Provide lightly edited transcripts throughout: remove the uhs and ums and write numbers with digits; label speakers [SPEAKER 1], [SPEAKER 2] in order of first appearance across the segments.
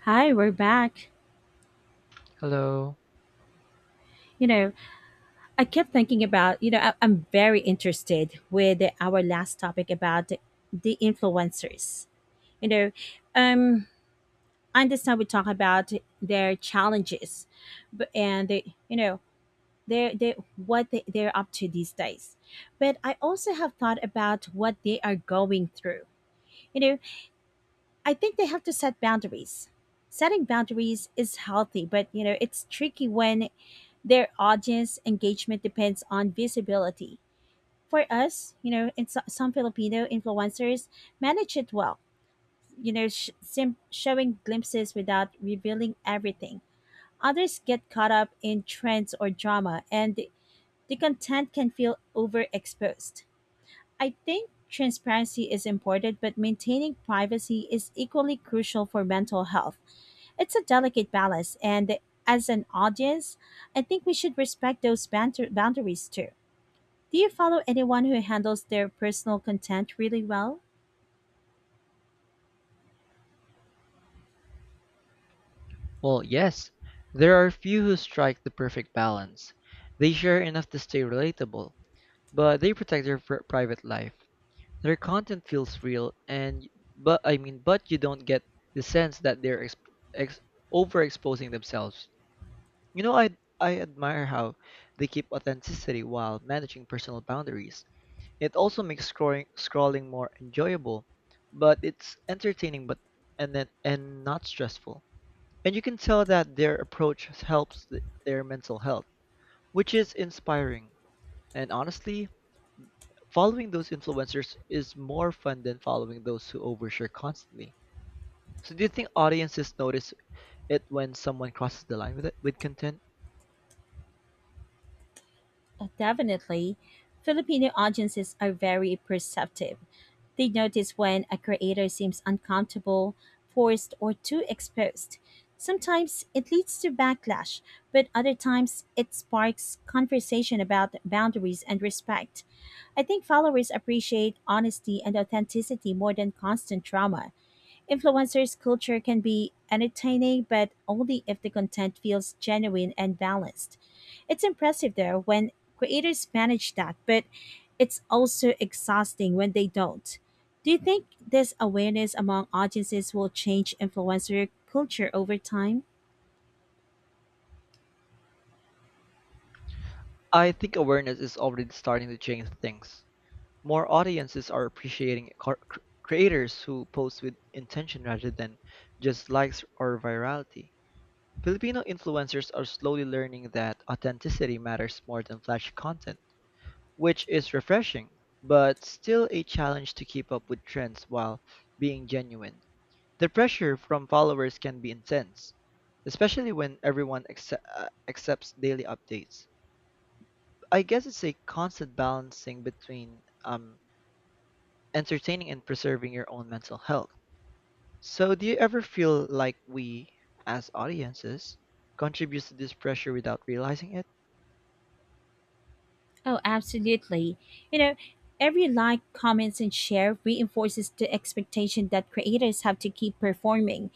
[SPEAKER 1] Hi, we're back.
[SPEAKER 2] Hello.
[SPEAKER 1] You know, I kept thinking about, I'm very interested with our last topic about the influencers. You know, um, I understand we talk about their challenges, but and they, they're they what they, they're up to these days. But I also have thought about what they are going through. You know, I think they have to set boundaries. Setting boundaries is healthy, but you know, it's tricky when their audience engagement depends on visibility. For us, some Filipino influencers manage it well, showing glimpses without revealing everything. Others get caught up in trends or drama, and the content can feel overexposed. I think transparency is important, but maintaining privacy is equally crucial for mental health. It's a delicate balance, and as an audience, I think we should respect those boundaries too. Do you follow anyone who handles their personal content really well?
[SPEAKER 2] Well, yes, there are few who strike the perfect balance. They share enough to stay relatable, but they protect their private life. Their content feels real, and but I mean, but you don't get the sense that they're overexposing themselves. I admire how they keep authenticity while managing personal boundaries. It also makes scrolling more enjoyable, but it's entertaining, but and then and not stressful. And you can tell that their approach helps their mental health, which is inspiring. And honestly, following those influencers is more fun than following those who overshare constantly. So, do you think audiences notice it when someone crosses the line with it, with content?
[SPEAKER 1] Definitely. Filipino audiences are very perceptive. They notice when a creator seems uncomfortable, forced, or too exposed. Sometimes it leads to backlash, but other times it sparks conversation about boundaries and respect. I think followers appreciate honesty and authenticity more than constant drama. Influencers' culture can be entertaining, but only if the content feels genuine and balanced. It's impressive, though, when creators manage that, but it's also exhausting when they don't. Do you think this awareness among audiences will change influencer culture over time?
[SPEAKER 2] I think awareness is already starting to change things. More audiences are appreciating creators who post with intention rather than just likes or virality. Filipino influencers are slowly learning that authenticity matters more than flashy content, which is refreshing, but still a challenge to keep up with trends while being genuine. The pressure from followers can be intense, especially when everyone accepts daily updates. I guess it's a constant balancing between entertaining and preserving your own mental health. So, do you ever feel like we, as audiences, contribute to this pressure without realizing it?
[SPEAKER 1] Oh, absolutely. You know, every like, comments, and share reinforces the expectation that creators have to keep performing.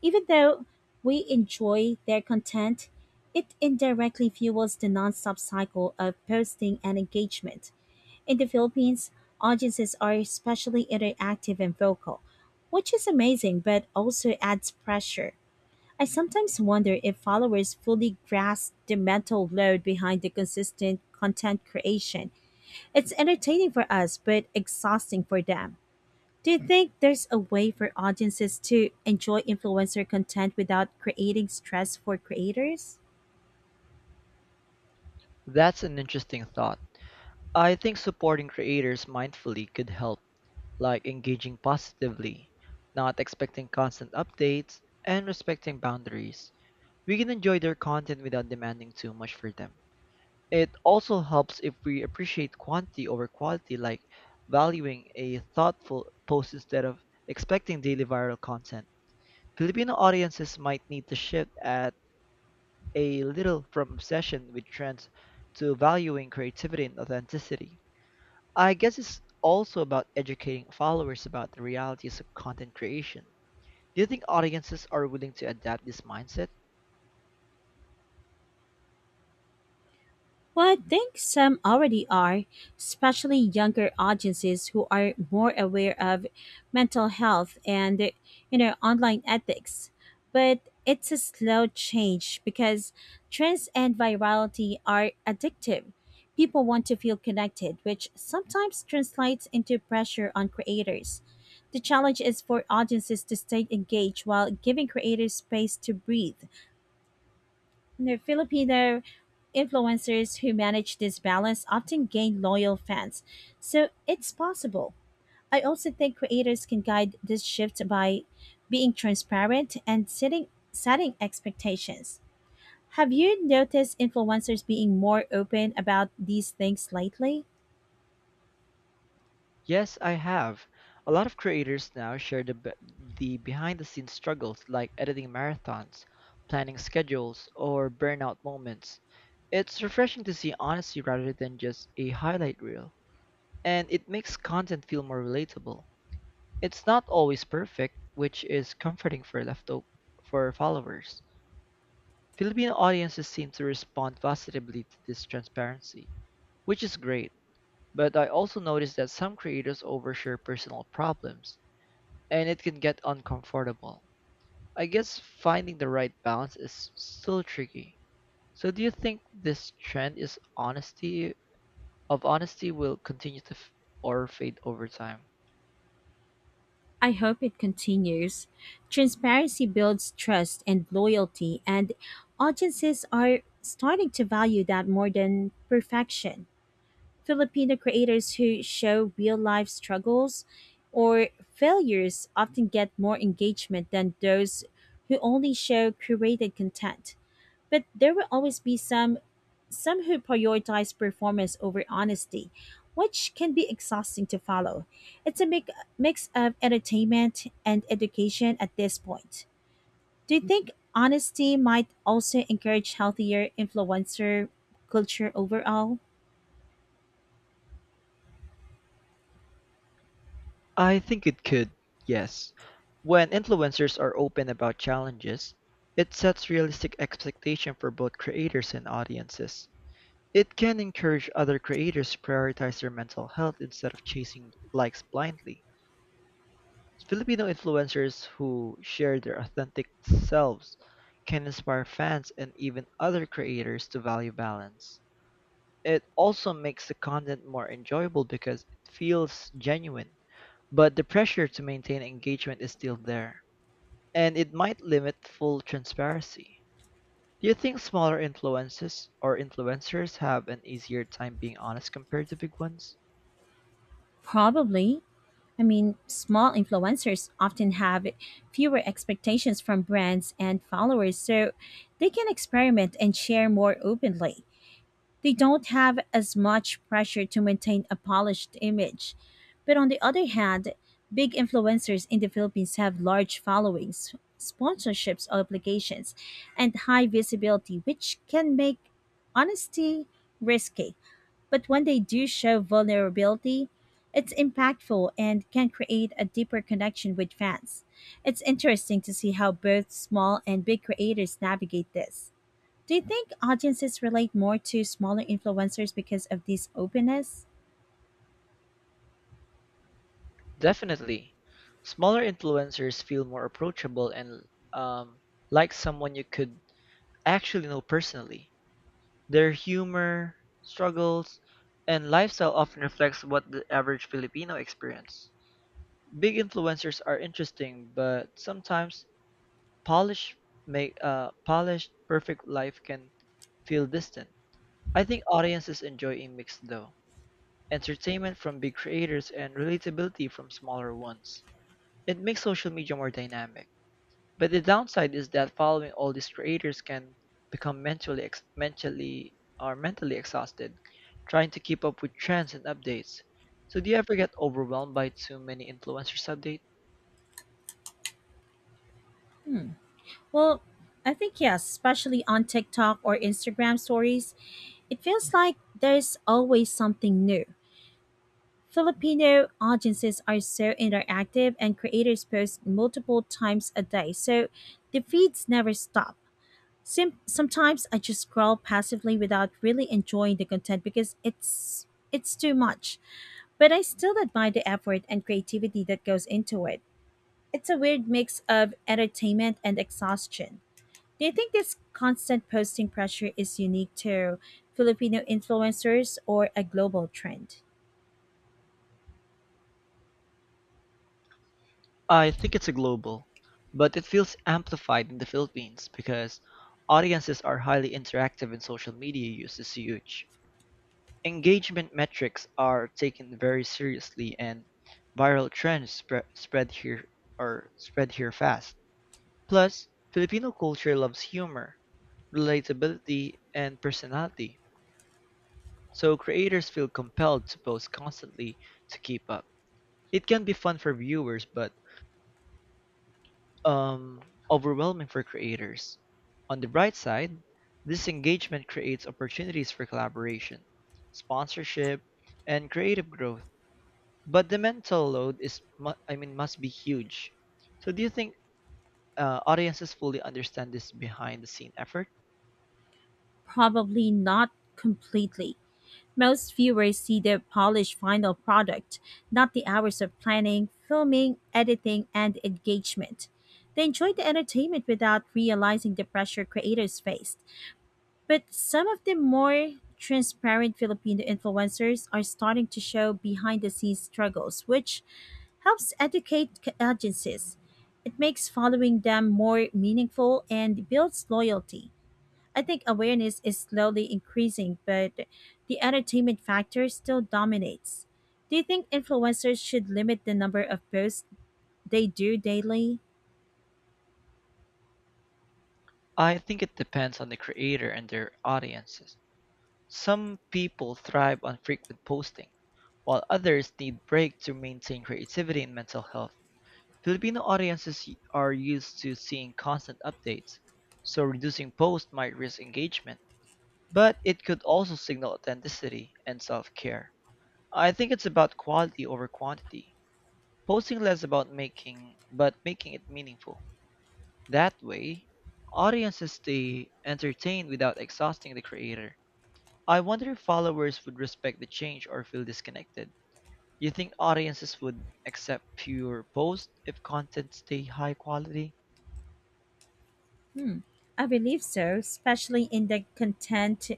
[SPEAKER 1] Even though we enjoy their content, it indirectly fuels the nonstop cycle of posting and engagement. In the Philippines, audiences are especially interactive and vocal, which is amazing but also adds pressure. I sometimes wonder if followers fully grasp the mental load behind the consistent content creation. It's entertaining for us, but exhausting for them. Do you think there's a way for audiences to enjoy influencer content without creating stress for creators?
[SPEAKER 2] That's an interesting thought. I think supporting creators mindfully could help, like engaging positively, not expecting constant updates, and respecting boundaries. We can enjoy their content without demanding too much for them. It also helps if we appreciate quantity over quality, like valuing a thoughtful post instead of expecting daily viral content. Filipino audiences might need to shift at a little from obsession with trends to valuing creativity and authenticity. I guess it's also about educating followers about the realities of content creation. Do you think audiences are willing to adapt this mindset?
[SPEAKER 1] Well, I think some already are, especially younger audiences who are more aware of mental health and you know online ethics. But it's a slow change because trends and virality are addictive. People want to feel connected, which sometimes translates into pressure on creators. The challenge is for audiences to stay engaged while giving creators space to breathe. The Filipino influencers who manage this balance often gain loyal fans, so it's possible. I also think creators can guide this shift by being transparent and setting expectations. Have you noticed influencers being more open about these things lately?
[SPEAKER 2] Yes, I have. A lot of creators now share the behind the scenes struggles like editing marathons, planning schedules, or burnout moments. It's refreshing to see honesty rather than just a highlight reel, and it makes content feel more relatable. It's not always perfect, which is comforting for followers. Filipino audiences seem to respond positively to this transparency, which is great. But I also noticed that some creators overshare personal problems, and it can get uncomfortable. I guess finding the right balance is still tricky. So do you think this trend is honesty of honesty will continue to f- or fade over time?
[SPEAKER 1] I hope it continues. Transparency builds trust and loyalty, and audiences are starting to value that more than perfection. Filipino creators who show real life struggles or failures often get more engagement than those who only show curated content. But there will always be some who prioritize performance over honesty, which can be exhausting to follow. It's a mix of entertainment and education at this point. Do you think honesty might also encourage healthier influencer culture overall?
[SPEAKER 2] I think it could, yes. When influencers are open about challenges, it sets realistic expectation for both creators and audiences. It can encourage other creators to prioritize their mental health instead of chasing likes blindly. Filipino influencers who share their authentic selves can inspire fans and even other creators to value balance. It also makes the content more enjoyable because it feels genuine, but the pressure to maintain engagement is still there, and it might limit full transparency. Do you think smaller influences or influencers have an easier time being honest compared to big ones?
[SPEAKER 1] Probably. I mean, small influencers often have fewer expectations from brands and followers, so they can experiment and share more openly. They don't have as much pressure to maintain a polished image. But on the other hand, big influencers in the Philippines have large followings, sponsorships obligations, and high visibility, which can make honesty risky. But when they do show vulnerability, it's impactful and can create a deeper connection with fans. It's interesting to see how both small and big creators navigate this. Do you think audiences relate more to smaller influencers because of this openness?
[SPEAKER 2] Definitely. Smaller influencers feel more approachable and um, like someone you could actually know personally. Their humor, struggles, and lifestyle often reflects what the average Filipino experience. Big influencers are interesting, but sometimes polished, polished, perfect life can feel distant. I think audiences enjoy a mix though. Entertainment from big creators and relatability from smaller ones. It makes social media more dynamic, but the downside is that following all these creators can become mentally ex- mentally or mentally exhausted trying to keep up with trends and updates. So do you ever get overwhelmed by too many influencers update?
[SPEAKER 1] Well, I think yes, especially on TikTok or Instagram stories. It feels like there's always something new. Filipino audiences are so interactive and creators post multiple times a day, so the feeds never stop. Sometimes I just scroll passively without really enjoying the content because it's too much. But I still admire the effort and creativity that goes into it. It's a weird mix of entertainment and exhaustion. Do you think this constant posting pressure is unique to Filipino influencers or a global trend?
[SPEAKER 2] I think it's a global, but it feels amplified in the Philippines because audiences are highly interactive and social media use is huge. Engagement metrics are taken very seriously and viral trends spread spread here are spread here fast. Plus, Filipino culture loves humor, relatability, and personality. So creators feel compelled to post constantly to keep up. It can be fun for viewers but um overwhelming for creators. On the bright side, this engagement creates opportunities for collaboration, sponsorship, and creative growth, but the mental load is must be huge. So do you think, audiences fully understand this behind the scene effort?
[SPEAKER 1] Probably not completely. Most viewers see the polished final product, not the hours of planning, filming, editing, and engagement. They enjoy the entertainment without realizing the pressure creators faced. But some of the more transparent Filipino influencers are starting to show behind the scenes struggles, which helps educate agencies. It makes following them more meaningful and builds loyalty. I think awareness is slowly increasing, but the entertainment factor still dominates. Do you think influencers should limit the number of posts they do daily?
[SPEAKER 2] I think it depends on the creator and their audiences. Some people thrive on frequent posting while others need break to maintain creativity and mental health. Filipino are used to seeing constant updates, so reducing posts might risk engagement, but it could also signal authenticity and self-care. I think it's about quality over quantity. Posting less about making, but making it meaningful. That way, audiences stay entertained without exhausting the creator. I wonder if followers would respect the change or feel disconnected. You think audiences would accept fewer posts if content stay high quality?
[SPEAKER 1] I believe so, especially in the content.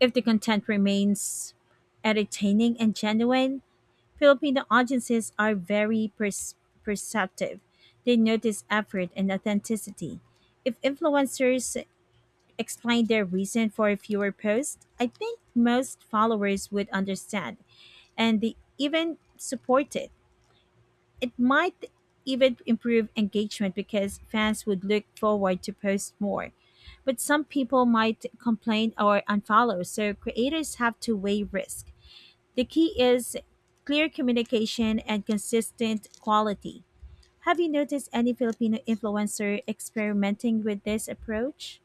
[SPEAKER 1] If the content remains entertaining and genuine, Filipino audiences are very perceptive. They notice effort and authenticity. If influencers explain their reason for a fewer posts, I think most followers would understand and they even support it. It might even improve engagement because fans would look forward to post more. But some people might complain or unfollow, so creators have to weigh risk. The key is clear communication and consistent quality. Have you noticed any Filipino influencer experimenting with this approach?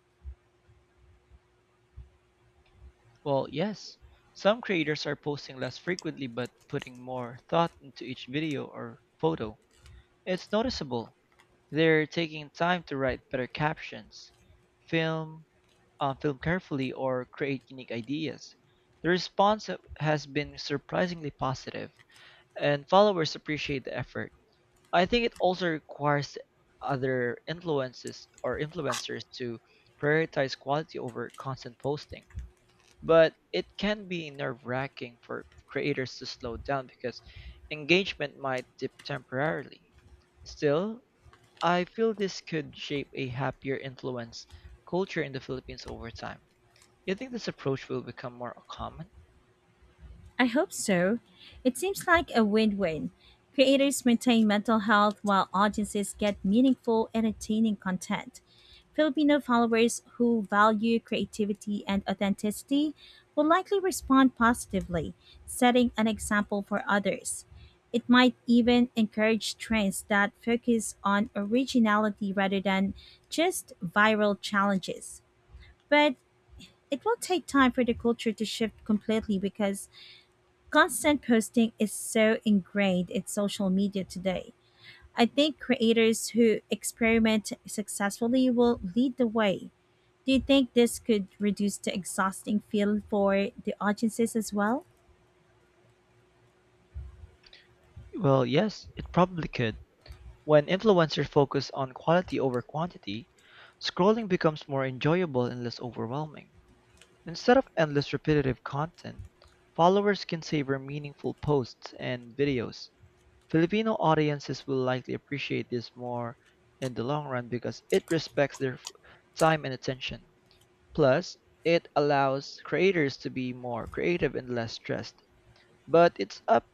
[SPEAKER 2] Well, yes. Some creators are posting less frequently but putting more thought into each video or photo. It's noticeable. They're taking time to write better captions, film, film carefully, or create unique ideas. The has been surprisingly positive, and followers appreciate the effort. I think it also requires other influences or influencers to prioritize quality over constant posting. But it can be nerve-wracking for creators to slow down because engagement might dip temporarily. Still, I feel this could shape a happier influence culture in the Philippines over time. You think this approach will become more common?
[SPEAKER 1] I hope so. It seems like a win win. Creators maintain mental health while audiences get meaningful, entertaining content. Filipino followers who value creativity and authenticity will likely respond positively, setting an example for others. It might even encourage trends that focus on originality rather than just viral challenges. But it will take time for the culture to shift completely because constant posting is so ingrained in social media today. I think creators who experiment successfully will lead the way. Do you think this could reduce the exhausting feel for the audiences as well?
[SPEAKER 2] Well, yes, it probably could. When influencers focus on quality over quantity, scrolling becomes more enjoyable and less overwhelming. Instead of endless repetitive content, followers can savor meaningful posts and videos. Filipino audiences will likely appreciate this more in the long run because it respects their time and attention. Plus, it allows creators to be more creative and less stressed. But it's up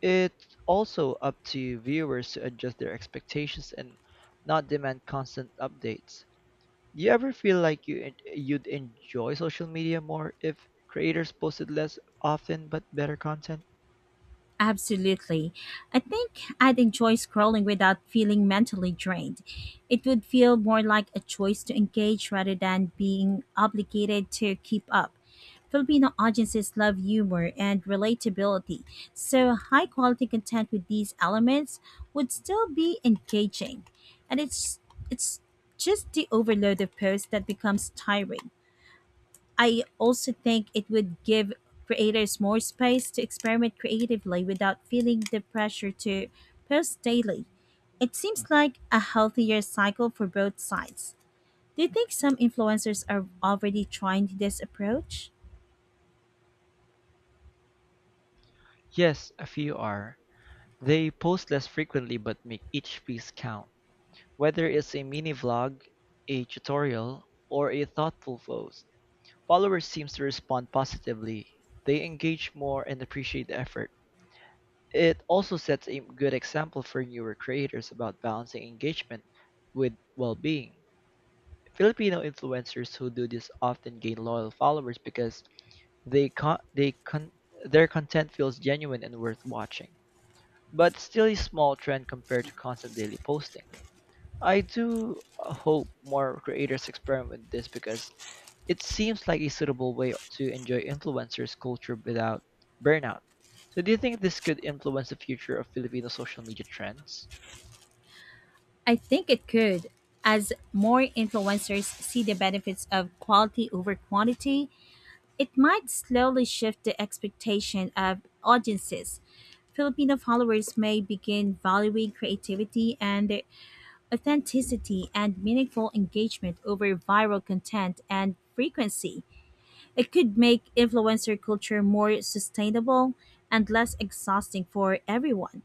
[SPEAKER 2] it's also up to viewers to adjust their expectations and not demand constant updates. Do you ever feel like you'd enjoy social media more if creators posted less often but better content?
[SPEAKER 1] Absolutely. I think I'd enjoy scrolling without feeling mentally drained. It would feel more like a choice to engage rather than being obligated to keep up. Filipino audiences love humor and relatability, so high quality content with these elements would still be engaging. And it's just the overload of posts that becomes tiring. I also think it would give creators more space to experiment creatively without feeling the pressure to post daily. It seems like a healthier cycle for both sides. Do you think some influencers are already trying this approach?
[SPEAKER 2] Yes, a few are. They post less frequently but make each piece count, whether it's a mini vlog, a tutorial, or a thoughtful post. Followers seem to respond positively. They engage more and appreciate the effort. It also sets a good example for newer creators about balancing engagement with well-being. Filipino influencers who do this often gain loyal followers because they con- they con- their content feels genuine and worth watching, but still a small trend compared to constant daily posting. I do, hope more creators experiment with this because it seems like a suitable way to enjoy influencers' culture without burnout. So, do you think this could influence the future of Filipino social media trends?
[SPEAKER 1] I think it could. As more influencers see the benefits of quality over quantity, it might slowly shift the expectation of audiences. Filipino followers may begin valuing creativity and authenticity and meaningful engagement over viral content and frequency. It could make influencer culture more sustainable and less exhausting for everyone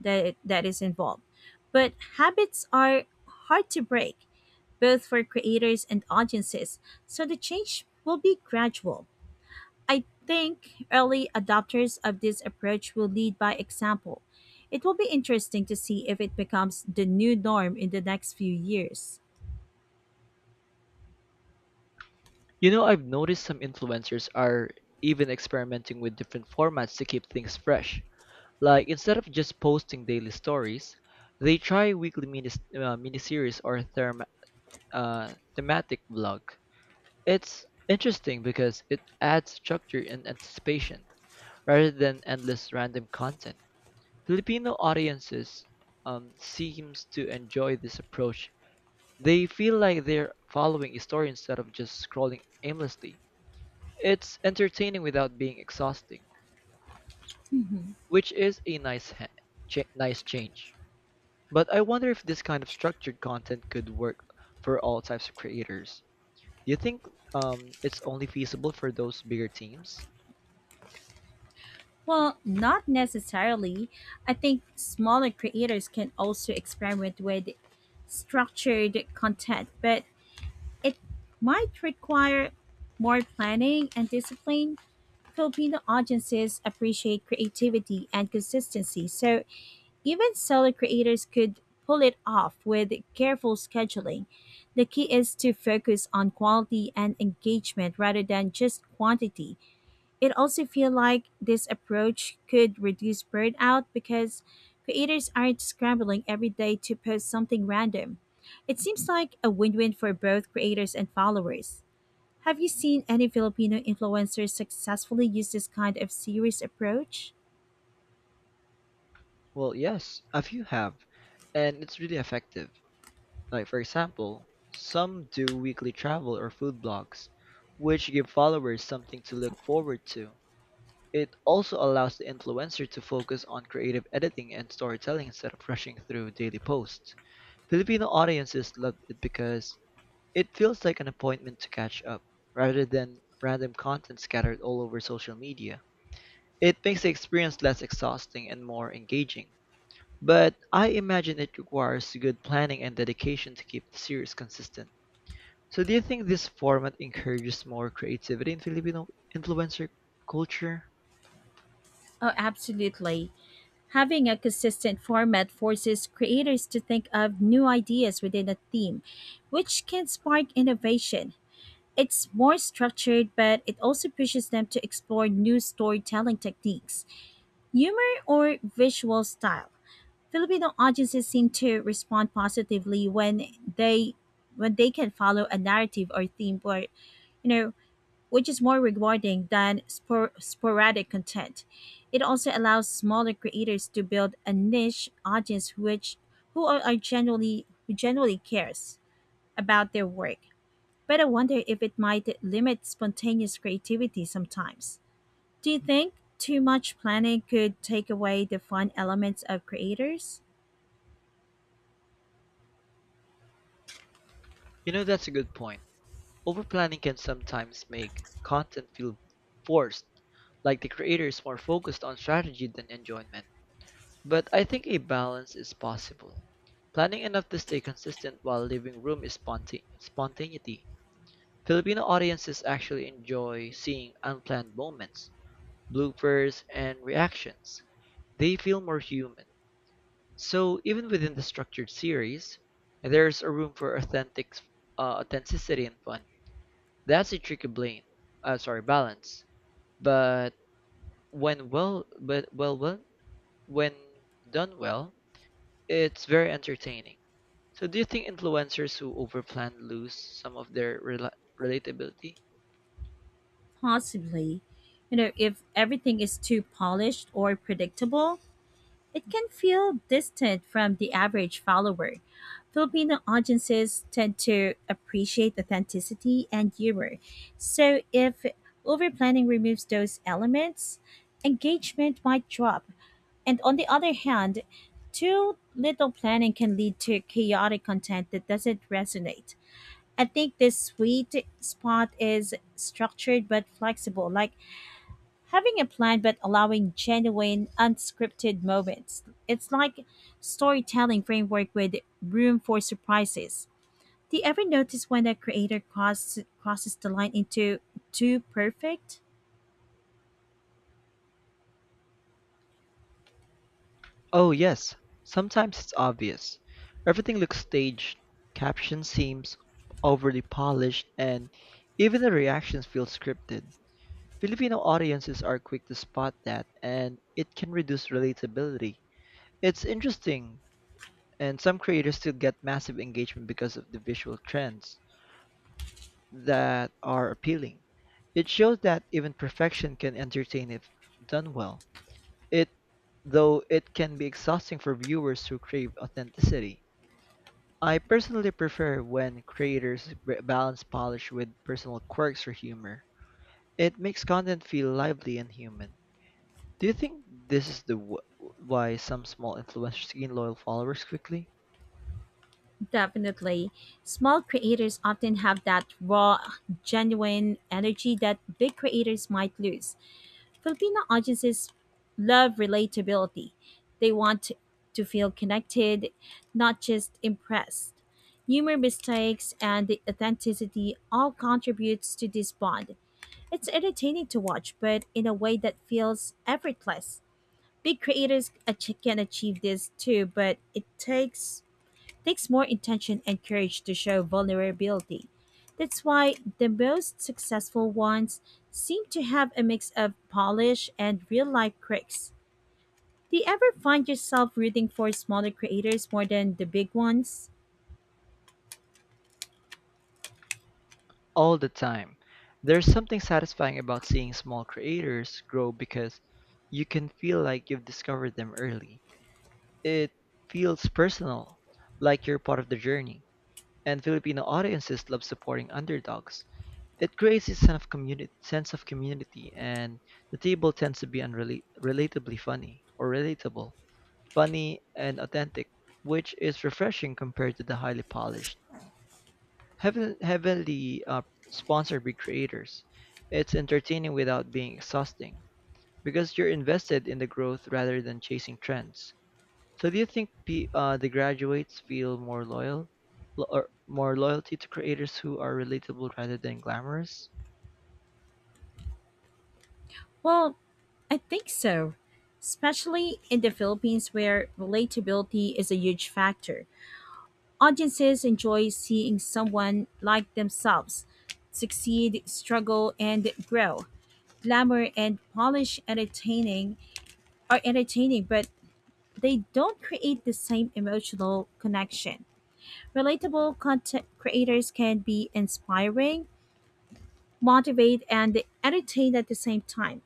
[SPEAKER 1] that is involved. But habits are hard to break, both for creators and audiences, so the change will be gradual. I think early adopters of this approach will lead by example. It will be interesting to see if it becomes the new norm in the next few years.
[SPEAKER 2] You know, I've noticed some influencers are even experimenting with different formats to keep things fresh. Like, instead of just posting daily stories, they try weekly miniseries or therm thematic vlog. It's interesting because it adds structure and anticipation rather than endless random content. Filipino audiences, seems to enjoy this approach. They feel like they're following a story instead of just scrolling aimlessly. It's entertaining without being exhausting, which is a nice change. But I wonder if this kind of structured content could work for all types of creators. Do you think, it's only feasible for those bigger teams?
[SPEAKER 1] Well, not necessarily. I think smaller creators can also experiment with structured content, but it might require more planning and discipline. Filipino audiences appreciate creativity and consistency, so even solo creators could pull it off with careful scheduling. The key is to focus on quality and engagement rather than just quantity. It also feels like this approach could reduce burnout because creators aren't scrambling every day to post something random. It seems like a win-win for both creators and followers. Have you seen any Filipino influencers successfully use this kind of serious approach?
[SPEAKER 2] Well, yes, a few have, and it's really effective. Like for example, some do weekly travel or food blogs, which give followers something to look forward to. It also allows the influencer to focus on creative editing and storytelling instead of rushing through daily posts. Filipino audiences loved it because it feels like an appointment to catch up, rather than random content scattered all over social media. It makes the experience less exhausting and more engaging. But I imagine it requires good planning and dedication to keep the series consistent. So do you think this format encourages more creativity in Filipino influencer culture?
[SPEAKER 1] Oh, absolutely. Having a consistent format forces creators to think of new ideas within a theme, which can spark innovation. It's more structured, but it also pushes them to explore new storytelling techniques, humor, or visual style. Filipino audiences seem to respond positively they when they can follow a narrative or theme where you know which is more rewarding than sporadic content. It also allows smaller creators to build a niche audience which who generally cares about their work. But I wonder if it might limit spontaneous creativity sometimes. Do you think too much planning could take away the fun elements of creators?
[SPEAKER 2] You know, that's a good point. Overplanning can sometimes make content feel forced, like the creator is more focused on strategy than enjoyment. But I think a balance is possible. Planning enough to stay consistent while leaving room is spontaneity. Filipino audiences actually enjoy seeing unplanned moments, bloopers, and reactions. They feel more human. So even within the structured series, there's a room for authenticity and fun. That's a tricky blame. Sorry, balance. But but when done well, it's very entertaining. So do you think influencers who overplan lose some of their relatability?
[SPEAKER 1] Possibly. You know, if everything is too polished or predictable, it can feel distant from the average follower. Filipino audiences tend to appreciate authenticity and humor. So if overplanning removes those elements, engagement might drop. And on the other hand, too little planning can lead to chaotic content that doesn't resonate. I think this sweet spot is structured but flexible. Like having a plan but allowing genuine, unscripted moments. It's like storytelling framework with room for surprises. Do you ever notice when a creator crosses the line into too perfect?
[SPEAKER 2] Oh, yes. Sometimes it's obvious. Everything looks staged, caption seems overly polished, and even the reactions feel scripted. Filipino audiences are quick to spot that, and it can reduce relatability. It's interesting, and some creators still get massive engagement because of the visual trends that are appealing. It shows that even perfection can entertain if done well. It though it can be exhausting for viewers who crave authenticity. I personally prefer when creators balance polish with personal quirks or humor. It makes content feel lively and human. Do you think this is the why some small influencers gain loyal followers quickly?
[SPEAKER 1] Definitely. Small creators often have that raw, genuine energy that big creators might lose. Filipino audiences love relatability. They want to feel connected, not just impressed. Humor mistakes and the authenticity all contributes to this bond. It's entertaining to watch, but in a way that feels effortless. Big creators can achieve this too, but it takes more intention and courage to show vulnerability. That's why the most successful ones seem to have a mix of polish and real life quirks. Do you ever find yourself rooting for smaller creators more than the big ones?
[SPEAKER 2] All the time. There's something satisfying about seeing small creators grow because you can feel like you've discovered them early. It feels personal, like you're part of the journey. And Filipino audiences love supporting underdogs. It creates a sense of community, and the table tends to be relatably funny or relatable, funny, and authentic, which is refreshing compared to the highly polished, heaven, heavily sponsored by creators. It's entertaining without being exhausting because you're invested in the growth rather than chasing trends. So, do you think pe the graduates feel more loyalty to creators who are relatable rather than glamorous?
[SPEAKER 1] Well, I think so, especially in the Philippines where relatability is a huge factor. Audiences enjoy seeing someone like themselves succeed, struggle, and grow. Glamour and polish entertaining are entertaining, but they don't create the same emotional connection. Relatable content creators can be inspiring, motivate, and entertain at the same time.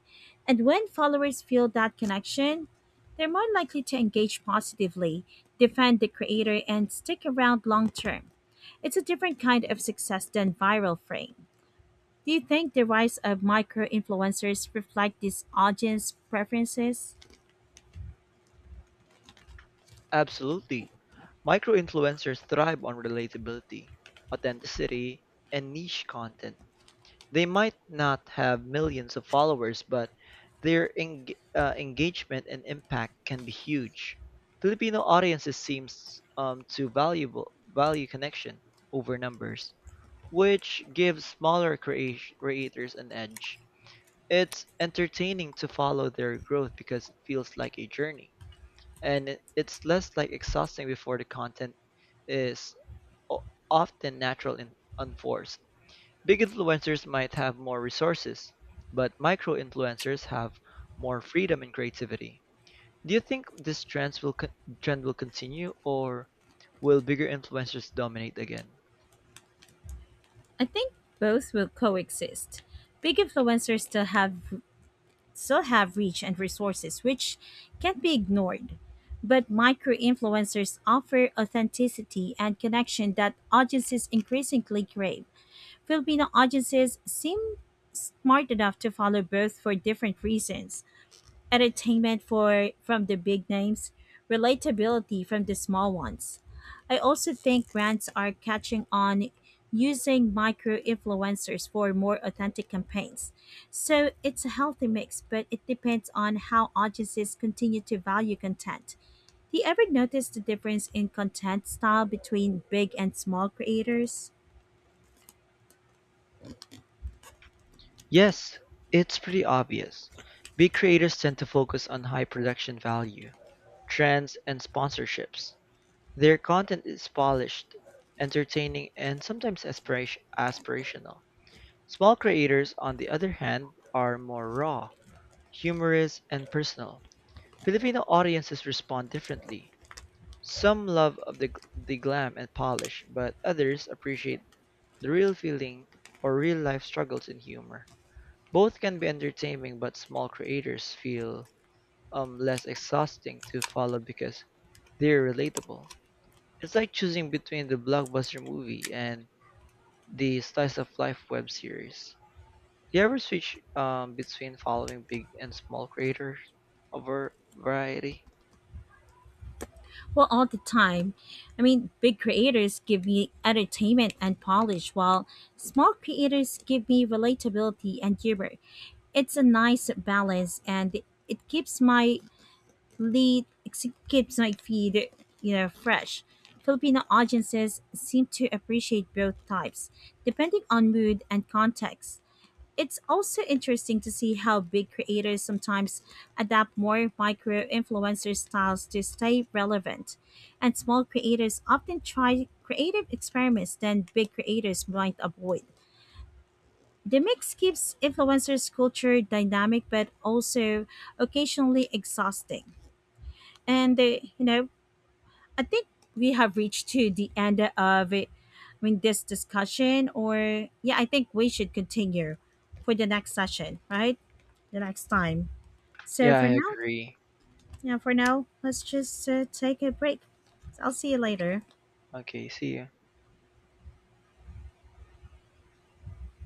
[SPEAKER 1] And when followers feel that connection, they're more likely to engage positively, defend the creator, and stick around long term. It's a different kind of success than viral fame. Do you think the rise of micro influencers reflect these audience preferences?
[SPEAKER 2] Absolutely. Micro-influencers thrive on relatability, authenticity, and niche content. They might not have millions of followers, but their eng- engagement and impact can be huge. Filipino audiences seems, to valuable value connection over numbers, which gives smaller creators an edge. It's entertaining to follow their growth because it feels like a journey, and it's less like exhausting before the content is o- often natural and unforced. Big influencers might have more resources, but micro influencers have more freedom and creativity. Do you think this trend will continue, or will bigger influencers dominate again?
[SPEAKER 1] I think both will coexist. Big influencers still have reach and resources which can't be ignored. But micro influencers offer authenticity and connection that audiences increasingly crave. Filipino audiences seem smart enough to follow both for different reasons. Entertainment for from the big names, relatability from the small ones. I also think brands are catching on using micro influencers for more authentic campaigns. So it's a healthy mix, but it depends on how audiences continue to value content. Do you ever notice the difference in content style between big and small creators?
[SPEAKER 2] Yes, it's pretty obvious. Big creators tend to focus on high production value, trends, and sponsorships. Their content is polished, entertaining and sometimes aspirational. Small creators, on the other hand, are more raw, humorous, and personal. Filipino audiences respond differently. Some love of the glam and polish, but others appreciate the real feeling or real life struggles in humor. Both can be entertaining, but small creators feel, less exhausting to follow because they're relatable. It's like choosing between the blockbuster movie and the slice of life web series. Do you ever switch, between following big and small creators over variety?
[SPEAKER 1] Well, all the time. I mean, big creators give me entertainment and polish, while small creators give me relatability and humor. It's a nice balance, and it keeps my it keeps my feed, you know, fresh. Filipino audiences seem to appreciate both types, depending on mood and context. It's also interesting to see how big creators sometimes adapt more micro influencer styles to stay relevant. And small creators often try creative experiments than big creators might avoid. The mix keeps influencers' culture dynamic but also occasionally exhausting. And I think we have reached to the end of it. I mean, this discussion, or yeah, I think we should continue for the next session, right? The next time. So
[SPEAKER 2] Yeah, I
[SPEAKER 1] for now,
[SPEAKER 2] agree.
[SPEAKER 1] yeah, for now, let's just take a break. So I'll see you
[SPEAKER 2] Okay,
[SPEAKER 1] later.
[SPEAKER 2] okay see you.